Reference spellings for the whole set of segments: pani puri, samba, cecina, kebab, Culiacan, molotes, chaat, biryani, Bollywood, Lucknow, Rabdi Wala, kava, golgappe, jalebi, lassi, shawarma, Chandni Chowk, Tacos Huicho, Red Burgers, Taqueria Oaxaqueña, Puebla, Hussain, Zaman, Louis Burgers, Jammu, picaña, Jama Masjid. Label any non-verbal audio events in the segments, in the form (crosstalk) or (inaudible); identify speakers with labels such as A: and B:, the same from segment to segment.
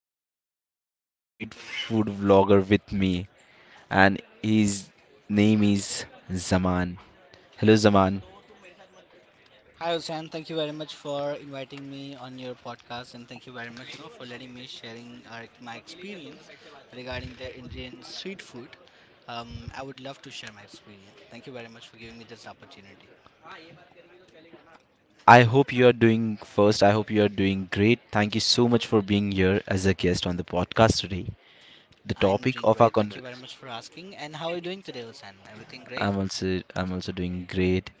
A: famous Indian street food vlogger with me and his name is Zaman. Hello Zaman.
B: Hi, Hussain. Thank you very much for inviting me on your podcast, and thank you very much, for letting me sharing my experience regarding the Indian street food. I would love to share my experience. Thank you very much for giving me this opportunity.
A: I hope you are doing first. I hope you are doing great. Thank you so much for being here as a guest on the podcast today. The
B: I'm
A: topic
B: doing
A: of our
B: great. Thank you
A: conversation
B: very much for asking. And how are you doing today, Hussain? Everything great?
A: I'm also doing great.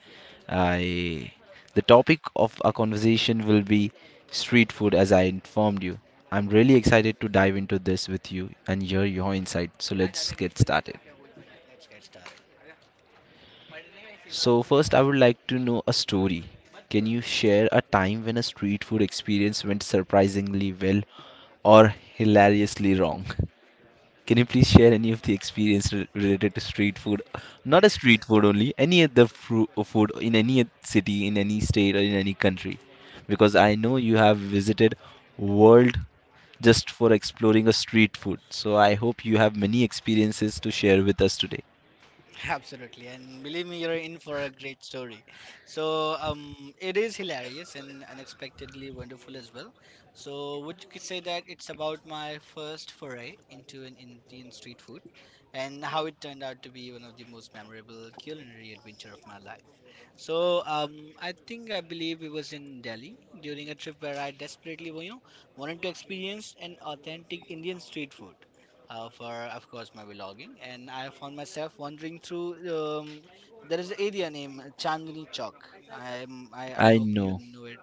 A: I The topic of our conversation will be street food as I informed you. I'm really excited to dive into this with you and hear your insight. So let's get started.
B: Let's get started.
A: So first I would like to know a story. Can you share a time when a street food experience went surprisingly well or hilariously wrong? (laughs) Can you please share any of the experience related to street food? Not a street food only, any other food in any city, in any state, or in any country. Because I know you have visited world just for exploring a street food. So I hope you have many experiences to share with us today.
B: Absolutely, and believe me, you're in for a great story. So, it is hilarious and unexpectedly wonderful as well. So, would you could say that it's about my first foray into an Indian street food and how it turned out to be one of the most memorable culinary adventure of my life. So I think I believe it was in Delhi during a trip where I desperately, wanted to experience an authentic Indian street food for, of course, my vlogging. And I found myself wandering through. There is an area named Chandni Chowk. I
A: I
B: hope you
A: know.
B: know it.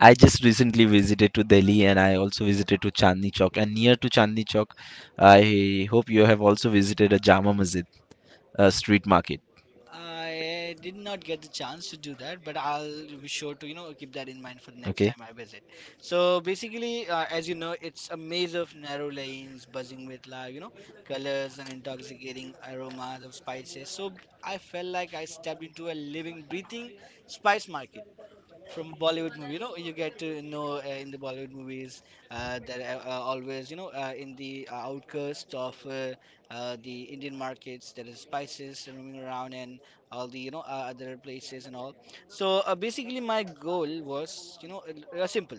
A: I just recently visited to Delhi and I also visited to Chandni Chowk. And near to Chandni Chowk, I hope you have also visited a Jama Masjid, a street market.
B: I did not get the chance to do that, but I'll be sure to, keep that in mind for the next
A: Okay?
B: time I visit. So basically, as you know, it's a maze of narrow lanes buzzing with, like, colors and intoxicating aromas of spices. So I felt like I stepped into a living, breathing spice market from Bollywood movie. You know, you get to know in the Bollywood movies that always, in the outcast of the Indian markets, there is spices roaming around and all the, other places and all. So basically, my goal was, simple.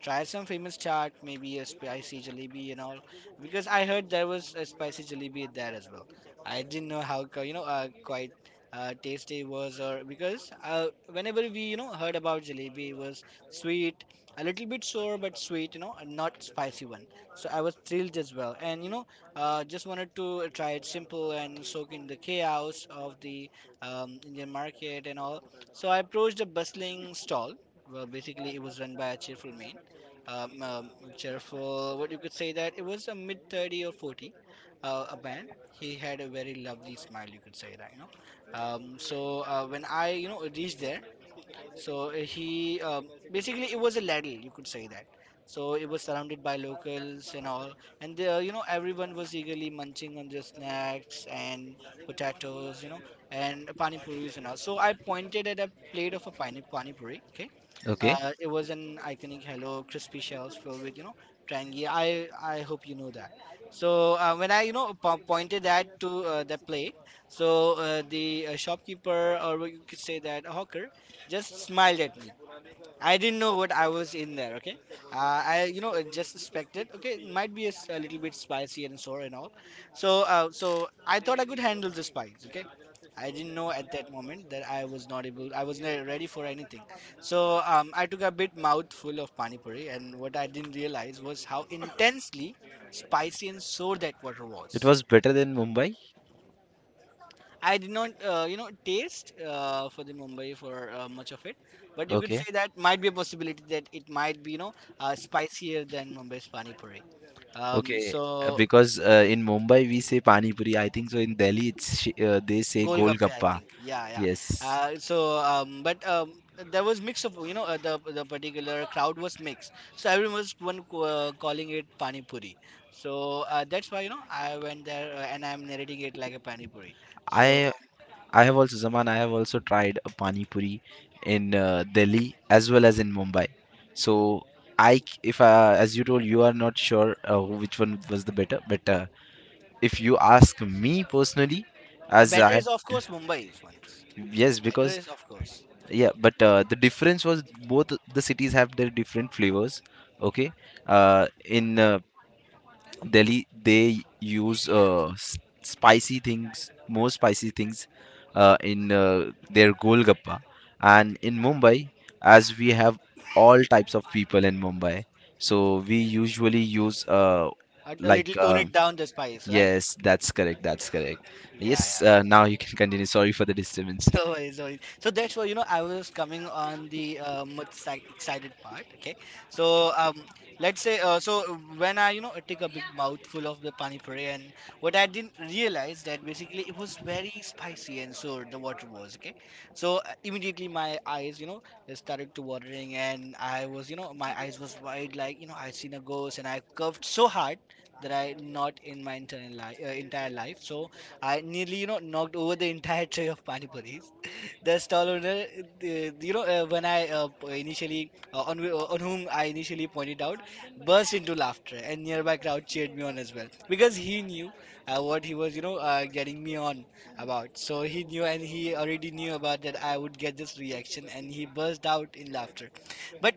B: Try some famous chaat, maybe a spicy jalebi and all. Because I heard there was a spicy jalebi there as well. I didn't know you know quite tasty it was, or because whenever we, you know, heard about jalebi, it was sweet, a little bit sour but sweet, you know, and not spicy one. So I was thrilled as well, and just wanted to try it simple and soak in the chaos of the Indian market and all. So I approached a bustling stall. Well, basically, it was run by a cheerful man, um, um, cheerful. What you could say that it was a mid 30 or 40, a band. He had a very lovely smile. You could say that, you know. When I, you know, reached there, so he basically it was a ladle, you could say that. So it was surrounded by locals and all, and you know everyone was eagerly munching on their snacks and potatoes, you know, and pani puris and all. So I pointed at a plate of a pani puri. Okay,
A: Okay?
B: it was an iconic hello crispy shells filled with, you know, trangi. I hope you know that. So when I, you know, pointed that to the plate, so the shopkeeper, or you could say that a hawker, just smiled at me. I didn't know what I was in there. Okay, uh, I, you know, just suspected. Okay, it might be a little bit spicy and sour and all. So I thought I could handle the spice. Okay, I didn't know at that moment that I was not able. I was not ready for anything. So I took a bit mouthful of pani puri, and what I didn't realize was how intensely spicy and sour that water
A: It
B: was.
A: was better than Mumbai?
B: I did not, you know, taste for the Mumbai for much of it, but you could say
A: Okay.
B: that might be a possibility that it might be, spicier than Mumbai's pani puri. Um,
A: Okay.
B: so
A: Because in Mumbai we say pani puri. I think so in Delhi it's they say
B: golgappe, I
A: golgappa.
B: think, yeah, yeah.
A: Yes.
B: So, but there was mix of, the particular crowd was mixed. So everyone was calling it pani puri. So that's why, you know, I went there and I'm narrating it like a pani puri. So
A: I I have also Zaman I have also tried a pani puri in Delhi as well as in Mumbai. So I c- if as you told you are not sure which one was the better but if you ask me personally as I
B: better is
A: have
B: of course Mumbai's ones.
A: yes
B: Better
A: because
B: is of course.
A: yeah but the difference was both the cities have their different flavors okay in delhi they use spicy things more spicy things in their golgappa and in mumbai as we have all types of people in mumbai so we usually use
B: A little
A: like
B: tone it down the spice, right?
A: yes that's correct
B: Yeah,
A: yes
B: yeah.
A: now you can continue sorry for the disturbance
B: (laughs) No worries, no worries. So that's why, you know, I was coming on the excited part, okay? So let's say, when I, you know, take a big mouthful of the pani puri and what I didn't realize that basically it was very spicy and so the water was, okay? So immediately my eyes, you know, they started to watering and I was, you know, my eyes was wide like, you know, I seen a ghost and I coughed so hard that I not in my entire life, entire life. So I nearly, you know, knocked over the entire tray of pani puris. (laughs) The stall owner, when I initially, on whom I initially pointed out, burst into laughter, and nearby crowd cheered me on as well because he knew what he was, getting me on about. So he knew, and he already knew about that I would get this reaction, and he burst out in laughter. But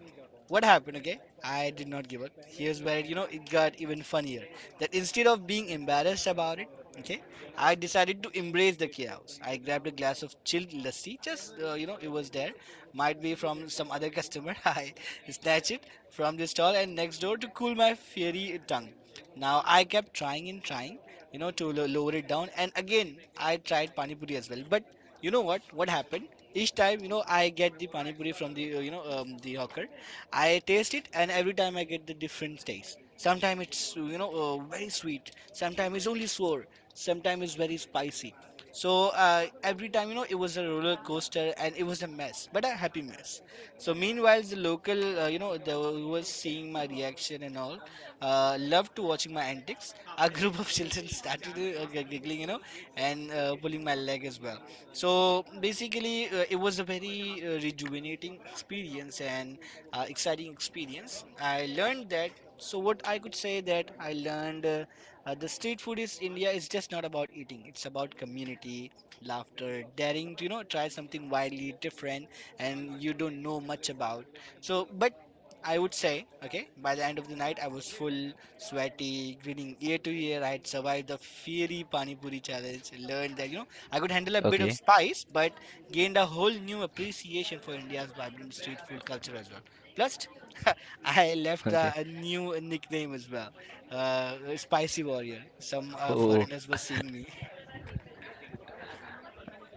B: what happened? Okay, I did not give up. Here's where, you know, it got even funnier. That instead of being embarrassed about it, okay, I decided to embrace the chaos. I grabbed a glass of chilled lassi, just you know, it was there. Might be from some other customer. (laughs) I snatched it from the stall and next door to cool my fiery tongue. Now I kept trying and trying, you know, to lower it down. And again, I tried pani puri as well. But you know what? What happened? Each time, you know, I get the pani puri from the, the hawker. I taste it, and every time I get the different taste. Sometimes it's, very sweet. Sometimes it's only sour. Sometimes it's very spicy. So every time, you know, it was a roller coaster and it was a mess, but a happy mess. So meanwhile, the local, the, who was seeing my reaction and all, loved to watching my antics. (laughs) A group of children started giggling, you know, and pulling my leg as well. So basically, it was a very rejuvenating experience and exciting experience. I learned that, so what I could say that I learned the street food is india is just not about eating, it's about community, laughter, daring to, you know, try something wildly different and you don't know much about. So but I would say, okay, by the end of the night I was full, sweaty, grinning ear to ear. I had survived the fiery pani puri challenge, learned that, you know, I could handle a bit of
A: okay
B: spice, but gained a whole new appreciation for india's vibrant street food culture as well. Plus (laughs) I
A: (laughs)
B: left a,
A: okay.
B: a new nickname as well, Spicy Warrior. Some
A: Oh.
B: foreigners were seeing me.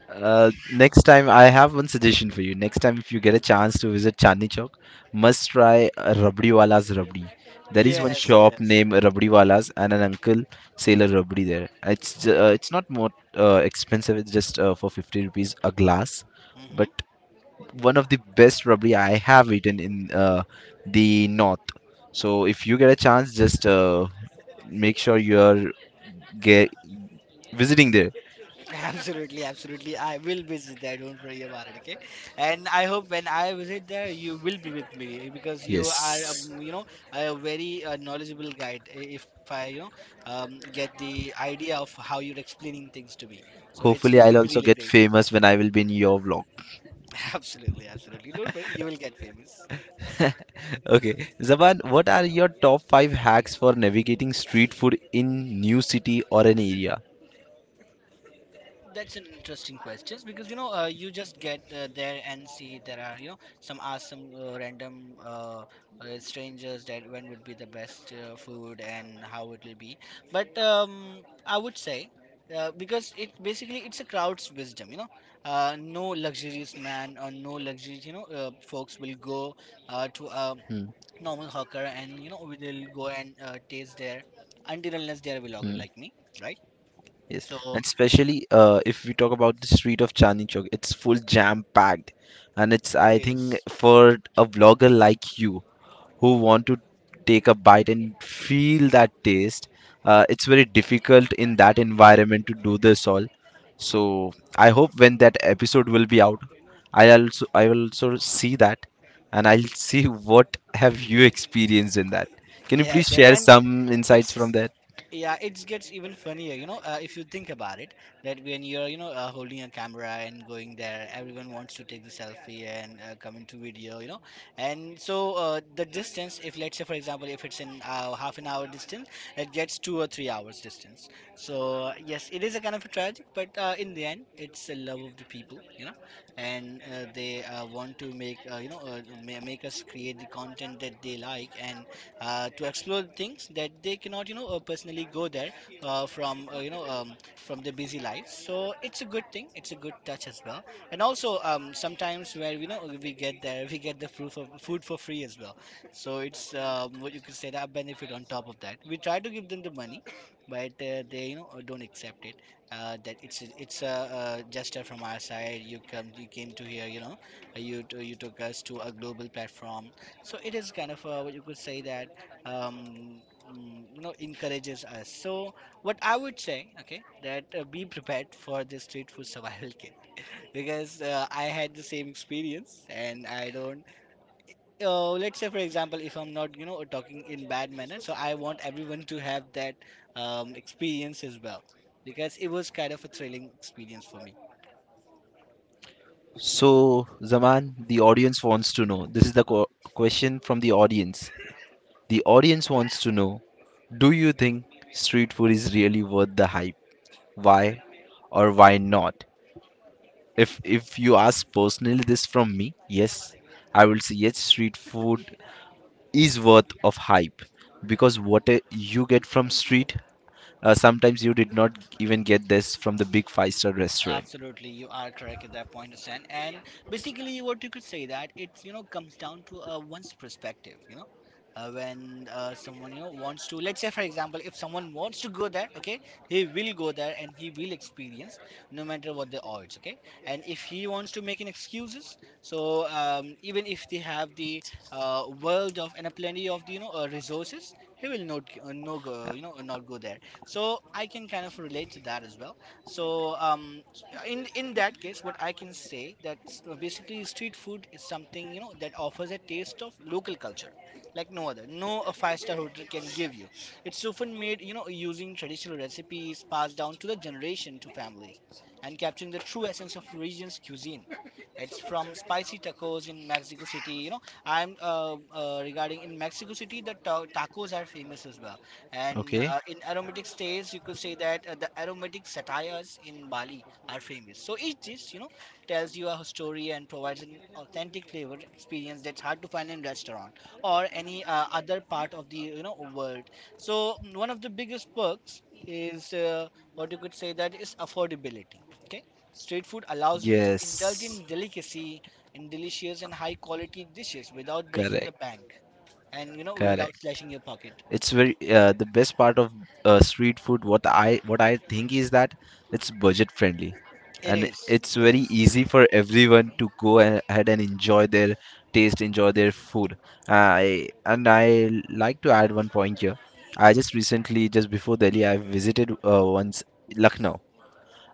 A: Next time, I have one suggestion for you. Next time, if you get a chance to visit Chandni Chowk, must try Rabdi Wala's Rabdi. There is one
B: Yes,
A: shop
B: yes.
A: named Rabdi Wala's, and an uncle sell a rabdi there. It's it's not more expensive. It's just for 50 rupees a glass,
B: Hmm.
A: but one of the best rabdi I have eaten in the north. So if you get a chance, just make sure you are ge- visiting there.
B: (laughs) Absolutely, absolutely. I will visit there. Don't worry about it. Okay, and I hope when I visit there, you will be with me because you are,
A: Yes.
B: a very knowledgeable guide. If I, get the idea of how you're explaining things to me, so it
A: Hopefully,
B: would
A: I'll
B: be
A: also
B: really
A: get
B: great.
A: famous when I will be in your vlog.
B: (laughs) Absolutely, absolutely. Don't worry, you will get famous.
A: (laughs) Okay, Zaban, what are your top 5 hacks for navigating street food in new city or an area?
B: That's an interesting question because, you know, you just get there and see there are, you know, some awesome random strangers that when would be the best food and how it will be. But I would say because it basically it's a crowd's wisdom. You know, no luxurious man or no luxurious, you know, folks will go to a normal hawker, and you know they'll go and taste there until unless they are a vlogger like me, right?
A: Yes,
B: So
A: and especially if we talk about the street of Chandni Chowk, it's full jam packed, and it's
B: it
A: I think
B: is.
A: for a vlogger like you who want to take a bite and feel that taste, it's very difficult in that environment to do this all. So I hope when that episode will be out, I will also see that, and I'll (laughs) see what have you experienced in that. Can you please
B: Yes, yes,
A: share
B: and
A: some insights from
B: it's,
A: there?
B: yeah, it gets even funnier, you know, if you think about it, that when you're, you know, holding a camera and going there, everyone wants to take the selfie and come into video, you know, and so the distance, if let's say for example, if it's in half an hour distance, it gets 2 or 3 hours distance. So yes, it is a kind of a tragic, but in the end, it's the love of the people, and they want to make, you know, ma- make us create the content that they like, and to explore things that they cannot personally go there from you know from their busy lives. So it's a good thing, it's a good touch as well. And also, sometimes where we get there, we get the food for, free as well. So it's, what you could say, that benefit. On top of that, we try to give them the money, but they don't accept it, that it's a gesture from our side. You come you came to here, you took us to a global platform. So it is kind of what you could say, that um, encourages us. So what I would say, okay, that be prepared for the street food survival (laughs) kit, because I had the same experience, and I don't. Let's say, for example, if I'm not, talking in bad manner, so I want everyone to have that experience as well, because it was kind of a thrilling experience for me.
A: So, Zaman, the audience wants to know. This is the question from the audience. The audience wants to know. Do you think street food is really worth the hype? Why or why not? If you ask personally this from me, yes, I will say yes, street food is worth of hype because what you get from street, sometimes you did not even get this from the big five-star restaurant.
B: Absolutely, you are correct at that point, Stan. And basically, what you could say, that it's, comes down to one's perspective. When someone wants to, let's say, for example, if someone wants to go there, okay, he will go there and he will experience, no matter what the odds, okay. And if he wants to make an excuses, so, even if they have the, world of, and a plenty of the, resources, he will not, no go, not go there. So I can kind of relate to that as well. So, in that case, what I can say, that basically, street food is something, that offers a taste of local culture like no other, no a five-star hotel can give you. It's often made, using traditional recipes passed down to the generation, to families, and capturing the true essence of region's cuisine. It's from spicy tacos in Mexico City. I'm, regarding in Mexico City, the tacos are famous as well. And,
A: Okay?
B: in aromatic states, you could say that the aromatic satires in Bali are famous. So each dish, tells you a story and provides an authentic flavor experience that's hard to find in restaurant or any other part of the, world. So, one of the biggest perks is, what you could say, that is affordability. Okay, street food allows you to indulge
A: Yes,
B: in delicacy and delicious and high quality dishes without breaking the
A: correct,
B: bank, and,
A: correct.
B: without slashing your pocket.
A: It's very the best part of street food what I think is that it's budget friendly
B: It
A: and
B: is.
A: it's
B: It
A: very
B: is.
A: easy for everyone to go ahead and enjoy their taste enjoy their food. I and I like to add one point here. I just recently just before delhi I visited once lucknow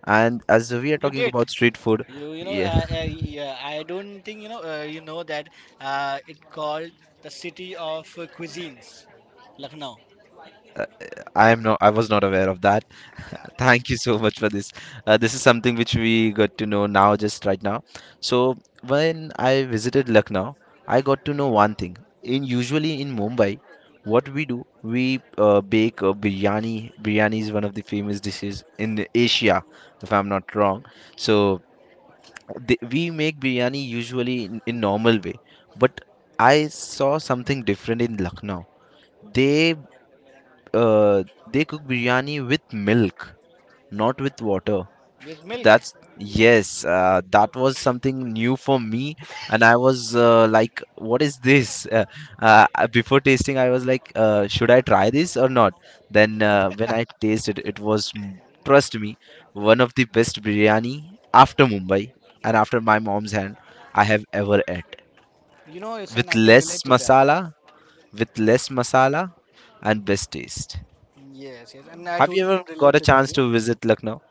A: and as we are
B: You
A: talking
B: did.
A: about street food
B: You know
A: yeah
B: yeah, I don't think, that it called the city of cuisines, Lucknow.
A: I am not I was not aware of that.
B: Yeah,
A: Thank you so much for this. This is something which we got to know now, just right now. So when I visited Lucknow, I got to know one thing. In usually in Mumbai, what we do, we bake a biryani. Biryani is one of the famous dishes in Asia, if I'm not wrong. So they, we make biryani usually in normal way, but I saw something different in Lucknow. They uh, they cook biryani with milk, not with water
B: with milk.
A: that's yes, that was something new for me, and I was like, "What is this?" Before tasting, I was like, "Should I try this or not?" Then when I tasted, it was trust me, one of the best biryani after Mumbai and after my mom's hand I have ever ate.
B: Yes, and
A: With
B: I can
A: less
B: relate to that.
A: masala, with less masala, and best taste.
B: Yes, yes, and I
A: Have you
B: totally
A: ever
B: can
A: got
B: relate
A: a
B: to that.
A: chance to visit Lucknow?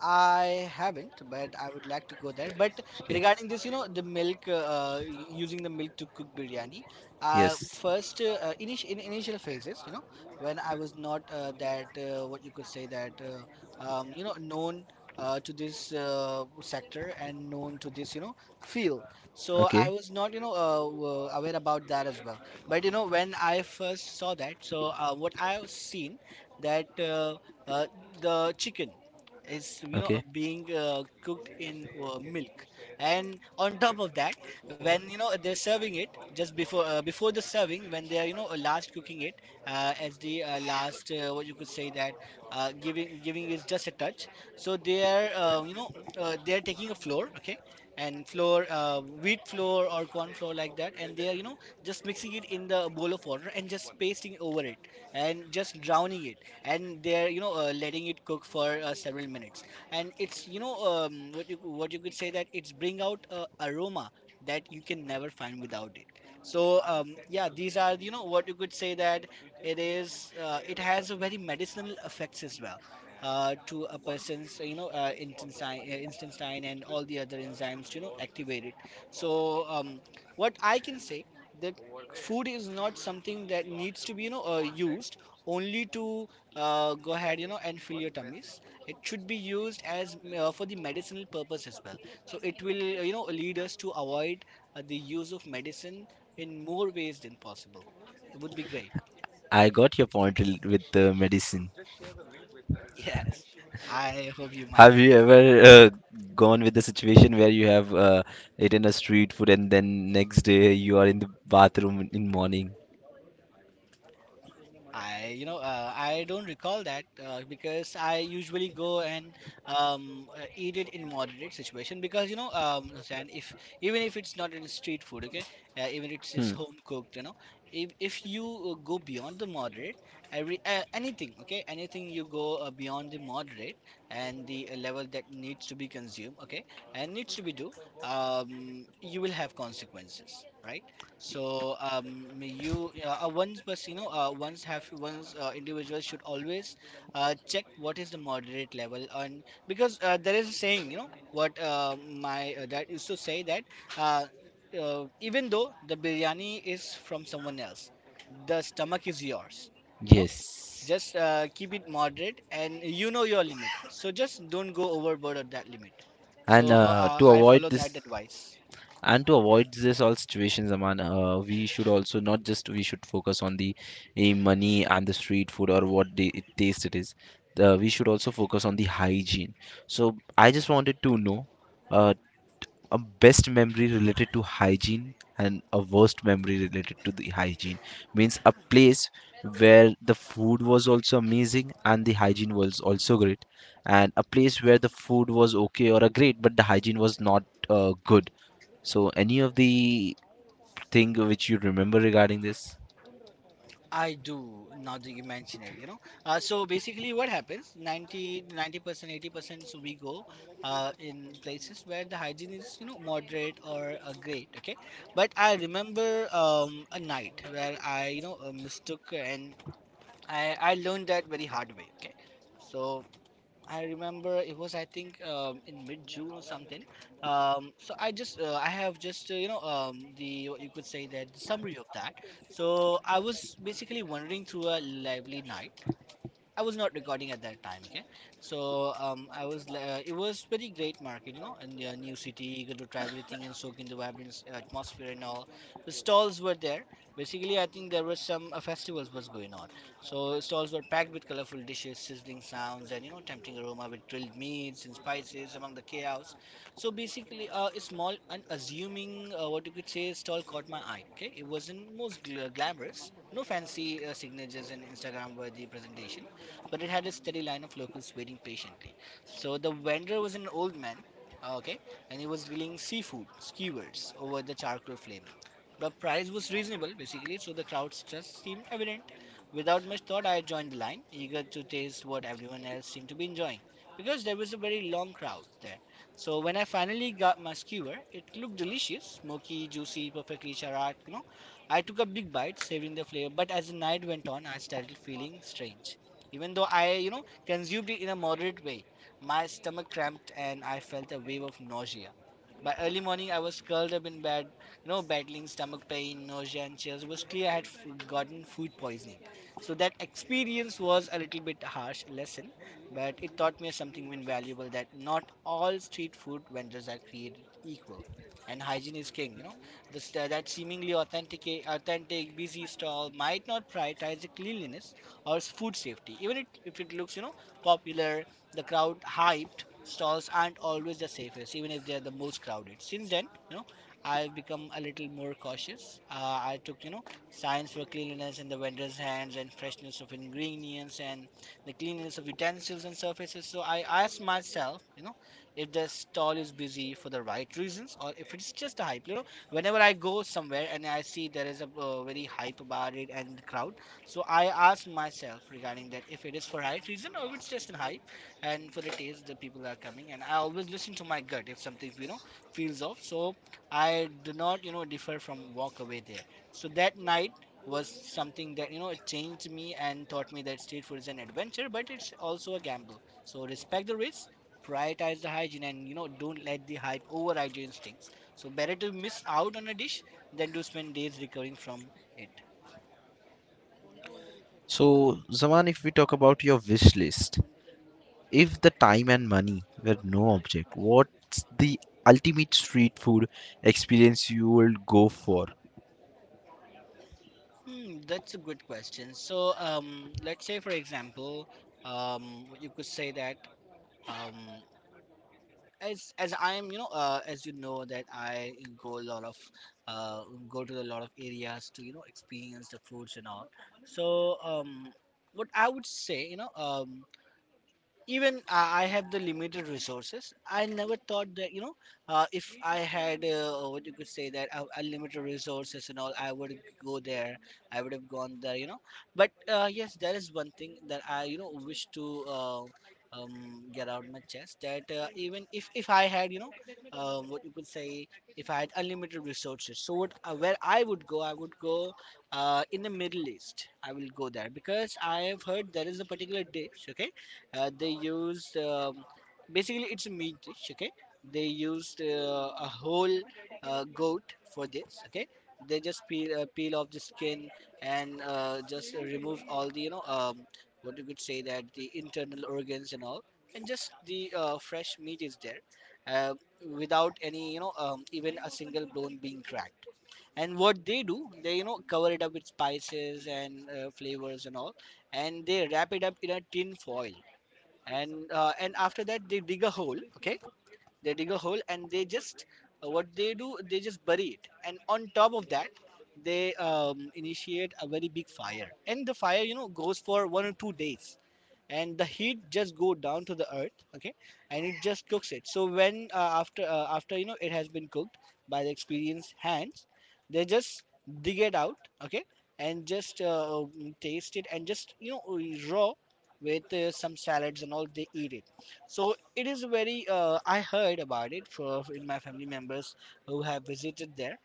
B: I haven't, but I would like to go there. But
A: Okay.
B: regarding this, the milk, using the milk to cook biryani,
A: Yes.
B: first, in initial phases, when I was not, that, what you could say that, known to this sector, and known to this, field. So I
A: Okay.
B: was not, aware about that as well. But, when I first saw that, so what I've seen, that uh, the chicken is,
A: Okay.
B: being cooked in milk. And on top of that, when, they're serving it, just before the serving, when they are, last cooking it, as the last, what you could say, that giving is just a touch. So they are taking a flour, okay, and flour wheat flour or corn flour, like that, and they are, just mixing it in the bowl of water and just pasting over it, and just drowning it. And they're, letting it cook for several minutes, and it's, what you could say, that it's bring out aroma that you can never find without it. So, yeah, these are, what you could say, that it has a very medicinal effects as well, to a person's, intestine, and all the other enzymes, activated. So, what I can say, the food is not something that needs to be, used only to go ahead, and fill your tummies. It should be used as, for the medicinal purpose as well. So it will, lead us to avoid the use of medicine, in more ways than possible. It would be great.
A: I got your point with the medicine.
B: (laughs) Yes, I hope you might
A: Have
B: have.
A: you ever gone with the situation where you have eaten a street food and then next day you are in the bathroom in morning?
B: I don't recall that, because I usually go and, eat it in moderate situation, because, Hussain, if even if it's not in street food, okay, even it's
A: Hmm.
B: home cooked, if you, go beyond the moderate, every anything, okay, anything you go beyond the moderate, and the level that needs to be consumed, okay, and needs to be do, you will have consequences, right? So, you once was you know once have once individuals should always check what is the moderate level, and because there is a saying, you know what my dad used to say that, uh, even though the biryani is from someone else, the stomach is yours. You know,
A: Yes.
B: just keep it moderate, and you know your limit. So just don't go overboard of that limit.
A: And
B: So
A: to
B: I
A: avoid
B: follow that
A: this,
B: advice.
A: and to avoid this all situations, Aman, we should also not just we should focus on the money and the street food or what the it taste it is. We should also focus on the hygiene. So I just wanted to know. Uh, a best memory related to hygiene and a worst memory related to the hygiene means a place where the food was also amazing and the hygiene was also great and a place where the food was okay or a great but the hygiene was not good. So any of the thing which you remember regarding this.
B: I do now that you mention it. So basically, what happens, 90, 90%, 80%. So we go in places where the hygiene is, moderate or great, okay. But I remember, a night where mistook, and I learned that very hard way, okay. So I remember, it was, I think, in mid June or something. So I just, I have just you know the, what you could say that, the summary of that. So I was basically wandering through a lively night. I was not recording at that time, okay. So it was very great market, in the new city. You got to try everything and soak in the vibrant atmosphere, and all. The stalls were there. Basically, I think there was some festivals was going on. So stalls were packed with colorful dishes, sizzling sounds, and, tempting aroma with grilled meats and spices, among the chaos. So basically, a small, unassuming, what you could say, stall caught my eye. Okay, it wasn't most glamorous, no fancy signatures and Instagram-worthy presentation, but it had a steady line of locals waiting patiently. So the vendor was an old man, okay, and he was grilling seafood skewers over the charcoal flame. The price was reasonable, basically, so the crowd just seemed evident. Without much thought, I joined the line, eager to taste what everyone else seemed to be enjoying, because there was a very long crowd there. So when I finally got my skewer, it looked delicious, smoky, juicy, perfectly charred. I took a big bite, savoring the flavor, but as the night went on, I started feeling strange. Even though I consumed it in a moderate way, my stomach cramped, and I felt a wave of nausea. By early morning, I was curled up in bed, battling stomach pain, nausea, and chills. It was clear I had gotten food poisoning. So that experience was a little bit harsh lesson, but it taught me something invaluable, that not all street food vendors are created equal. And hygiene is king. This, that seemingly busy stall might not prioritize the cleanliness or food safety. Even if it looks, popular, the crowd hyped, stalls aren't always the safest, even if they're the most crowded. Since then, I've become a little more cautious. I took, science for cleanliness in the vendor's hands, and freshness of ingredients, and the cleanliness of utensils and surfaces. So I asked myself if the stall is busy for the right reasons or if it's just a hype. Whenever I go somewhere and I see there is a very hype about it and the crowd, so I asked myself regarding that if it is for right reason or if it's just a hype, and for the taste the people are coming. And I always listen to my gut if something feels off. So I do not differ from walk away there. So that night was something that it changed me and taught me that street food is an adventure, but it's also a gamble. So respect the risk, prioritize the hygiene, and don't let the hype override your instincts. So better to miss out on a dish than to spend days recovering from it.
A: So zaman if we talk about your wish list if the time and money were no object what's the ultimate street food experience you will go for.
B: Hmm, that's a good question. So, let's say, for example, you could say that um, as I am, as you know that I go a lot of uh, go to a lot of areas to experience the foods and all. So, what I would say, even I have the limited resources. I never thought that if I had what you could say that unlimited resources and all, I would go there. I would have gone there but yes, there is one thing that I wish to get out my chest, that even if I had what you could say, if I had unlimited resources. So what where I would go, I would go in the Middle East. I will go there because I have heard there is a particular dish. Okay, they used, basically it's a meat dish. Okay, they used a whole goat for this. Okay, they just peel off the skin, and just remove all the what you could say, that the internal organs and all, and just the fresh meat is there. Uh, without any even a single bone being cracked, and what they do, they cover it up with spices and flavors and all, and they wrap it up in a tin foil. And after that, they dig a hole. Okay, they dig a hole and they just bury it, and on top of that, they initiate a very big fire. And the fire goes for 1 or 2 days, and the heat just go down to the earth. Okay, and it just cooks it. So when after after it has been cooked by the experienced hands, they just dig it out. Okay, and just taste it and just raw, with some salads and all, they eat it. So it is very I heard about it for, in my family members who have visited there,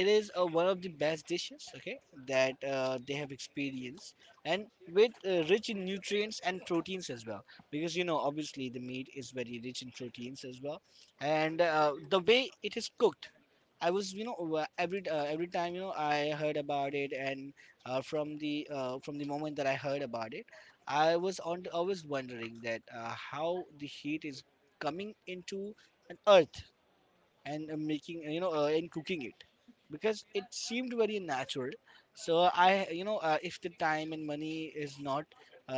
B: it is one of the best dishes. Okay, that they have experienced, and with rich in nutrients and proteins as well, because obviously the meat is very rich in proteins as well. And the way it is cooked, I was every time I heard about it, and from the moment that I heard about it, I was on always wondering that how the heat is coming into an earth, and making and cooking it, because it seemed very natural. So I if the time and money is not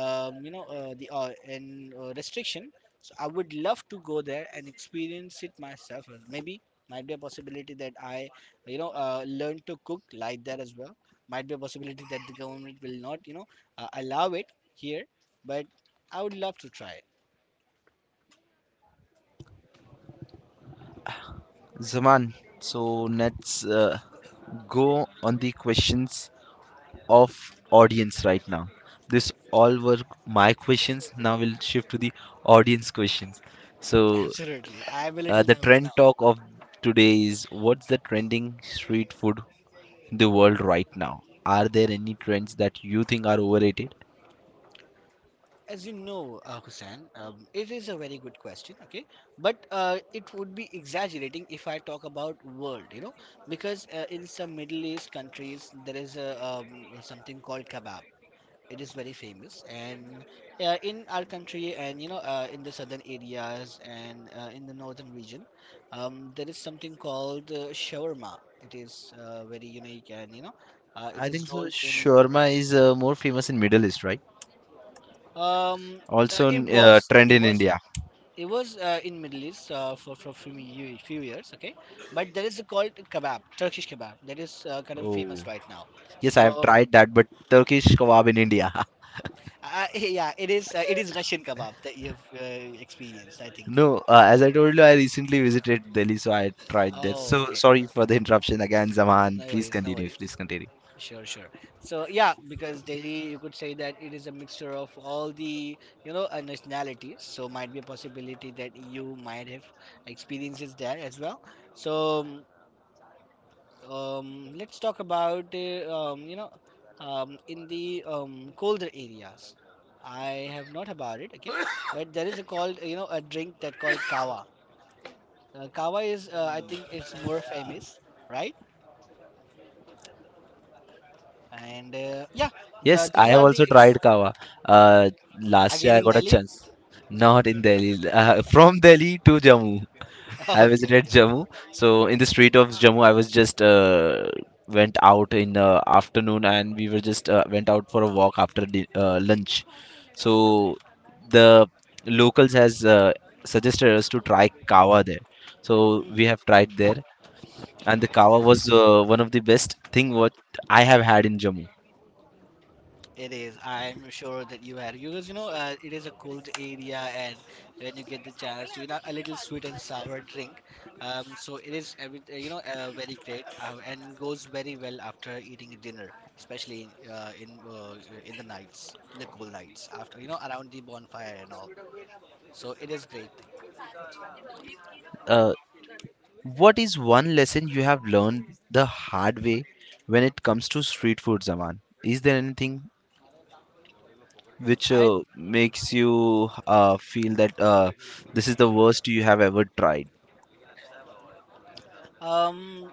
B: you know the and restriction, so I would love to go there and experience it myself. Maybe might be a possibility that I learn to cook like that as well. Might be a possibility that the government will not allow it here, but I would love to try
A: Zaman, so let's go on the questions of audience right now. This all were my questions. Now we'll shift to the audience questions.
B: it. (laughs)
A: So
B: Absolutely, I am a little
A: the
B: nervous
A: trend
B: now.
A: talk of today is what's the trending street food in the world right now? Are there any trends that you think are overrated?
B: As you know, Hussain, it is a very good question, okay? But it would be exaggerating if I talk about world, you know, because in some Middle East countries there is a, something called kebab. It is very famous, and in our country, and you know, in the southern areas and in the northern region, there is something called shawarma. It is very unique, and you know, it
A: I think
B: is
A: so.
B: rolled in
A: Shawarma
B: bread.
A: is more famous in Middle East, right?
B: Um, uh,
A: Also,
B: it was
A: trend
B: it
A: in
B: was in
A: India.
B: It was in Middle East for few years, okay. But there is a called kebab, Turkish kebab. That is kind of
A: Oh,
B: famous right now.
A: yes, I
B: So
A: have tried that, but Turkish kebab in India. (laughs)
B: (laughs) yeah, it is Russian kebab that you've experienced, I think.
A: No, as I told you, I recently visited Delhi, so I tried that.
B: Oh,
A: So
B: okay.
A: sorry for the interruption again, Zaman.
B: No
A: Please
B: worries, no
A: continue.
B: worries.
A: Please continue.
B: Sure, sure. So yeah, because Delhi, you could say that it is a mixture of all the nationalities. So might be a possibility that you might have experiences there as well. So, let's talk about in the colder areas. I have not about it, okay, (coughs) but there is a called a drink that called kava. Kava is I think it's more famous, right? And yeah,
A: Yes, I
B: these
A: have
B: are the
A: also
B: ex-
A: tried kava. Uh, Last year
B: again
A: I
B: in
A: got a
B: Delhi.
A: chance. Not in Delhi. (laughs) From Delhi to Jammu.
B: (laughs) Okay,
A: I visited
B: okay,
A: Jammu.
B: okay.
A: So in the street of Jammu, I was just went out in the afternoon, and we were just went out for a walk after the, lunch. So the locals has suggested us to try kava there. So
B: Hmm.
A: we have tried there, and the kava was one of the best thing what I have had in Jammu.
B: It is. I'm sure that you had, because it is a cold area, and when you get the chance to a little sweet and sour drink, so it is every very great and goes very well after eating dinner, especially in the nights, in the cool nights after around the bonfire and all. So it is great thing.
A: Uh, what is one lesson you have learned the hard way when it comes to street food, Zaman? Is there anything which
B: I
A: makes you feel that this is the worst you have ever tried.
B: um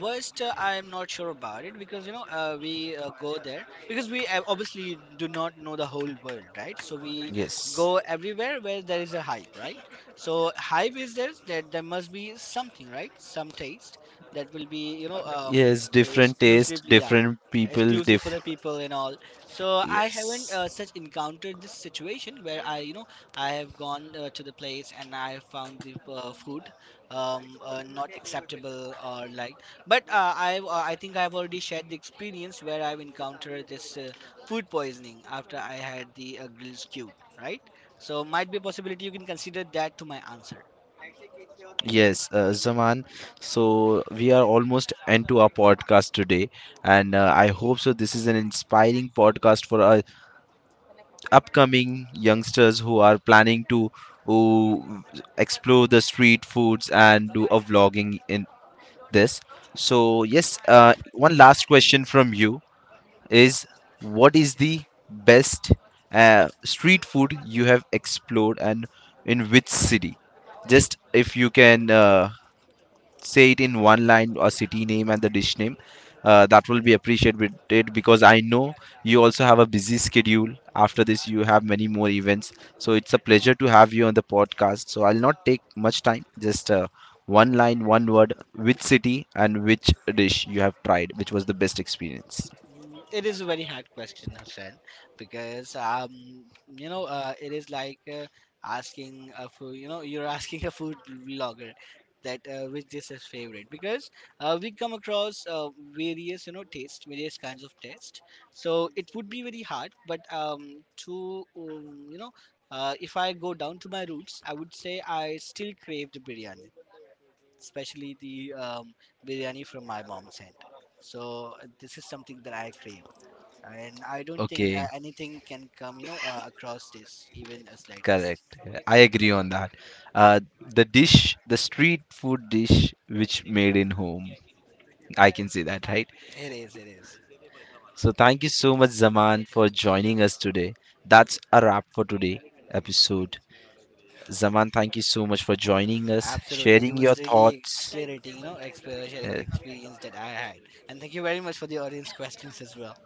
B: Worst, I'm not sure about it, because we go there because we obviously do not know the whole world, right? So we
A: Yes.
B: go everywhere where there is a hype, right? So hype is there, that there must be something, right? Some taste that will be
A: Yes, different taste,
B: exclusively, yeah,
A: different people,
B: exclusive for
A: diff
B: the people and all. So I haven't
A: yes.
B: such encountered this situation where I you know I have gone to the place and I have found the food not acceptable or like, but I think I've already shared the experience where I've encountered this food poisoning after I had the grilled skew, right? So might be a possibility you can consider that to my answer.
A: Yes, Zaman. So we are almost end to our podcast today, and I hope so. This is an inspiring podcast for our upcoming youngsters who are planning to who explore the street foods and do a vlogging in this. So, yes, one last question from you is what is the best street food you have explored and in which city? Just if you can say it in one line a city name and the dish name that will be appreciated it because I know you also have a busy schedule after this you have many more events so it's a pleasure to have you on the podcast so I'll not take much time just one line one word which city and which dish you have tried which was the best experience.
B: Mm, it is a very hard question, Hussein, because you know, it is like asking a food. You know, you're asking a food blogger that which dish is his favorite, because we come across various taste, various kinds of taste. So it would be very hard, but if I go down to my roots, I would say I still crave the biryani, especially the biryani from my mom's hand. So this is something that I crave, and I don't think
A: Okay,
B: anything can come, you know, across this, even a slightest.
A: correct. I agree on that. The dish, the street food dish which made in home. I can say that, right?
B: It is, it is.
A: So thank you so much, Zaman, for joining us today. That's a wrap for today episode. Zaman, thank you so much for joining us,
B: Absolutely. It
A: sharing
B: was
A: your
B: really
A: thoughts.
B: exhilarating, you know, sharing
A: Uh,
B: the experience that I had. And thank you very much for the audience questions as well.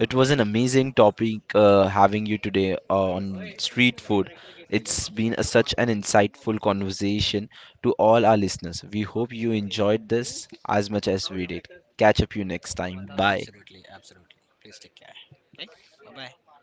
A: It was an amazing topic having you today on street food. It's been a, such an insightful conversation to all our listeners. We hope you enjoyed this as much as we did. Catch up you next time. Bye.
B: Absolutely, absolutely. Please take care. Okay? Bye bye.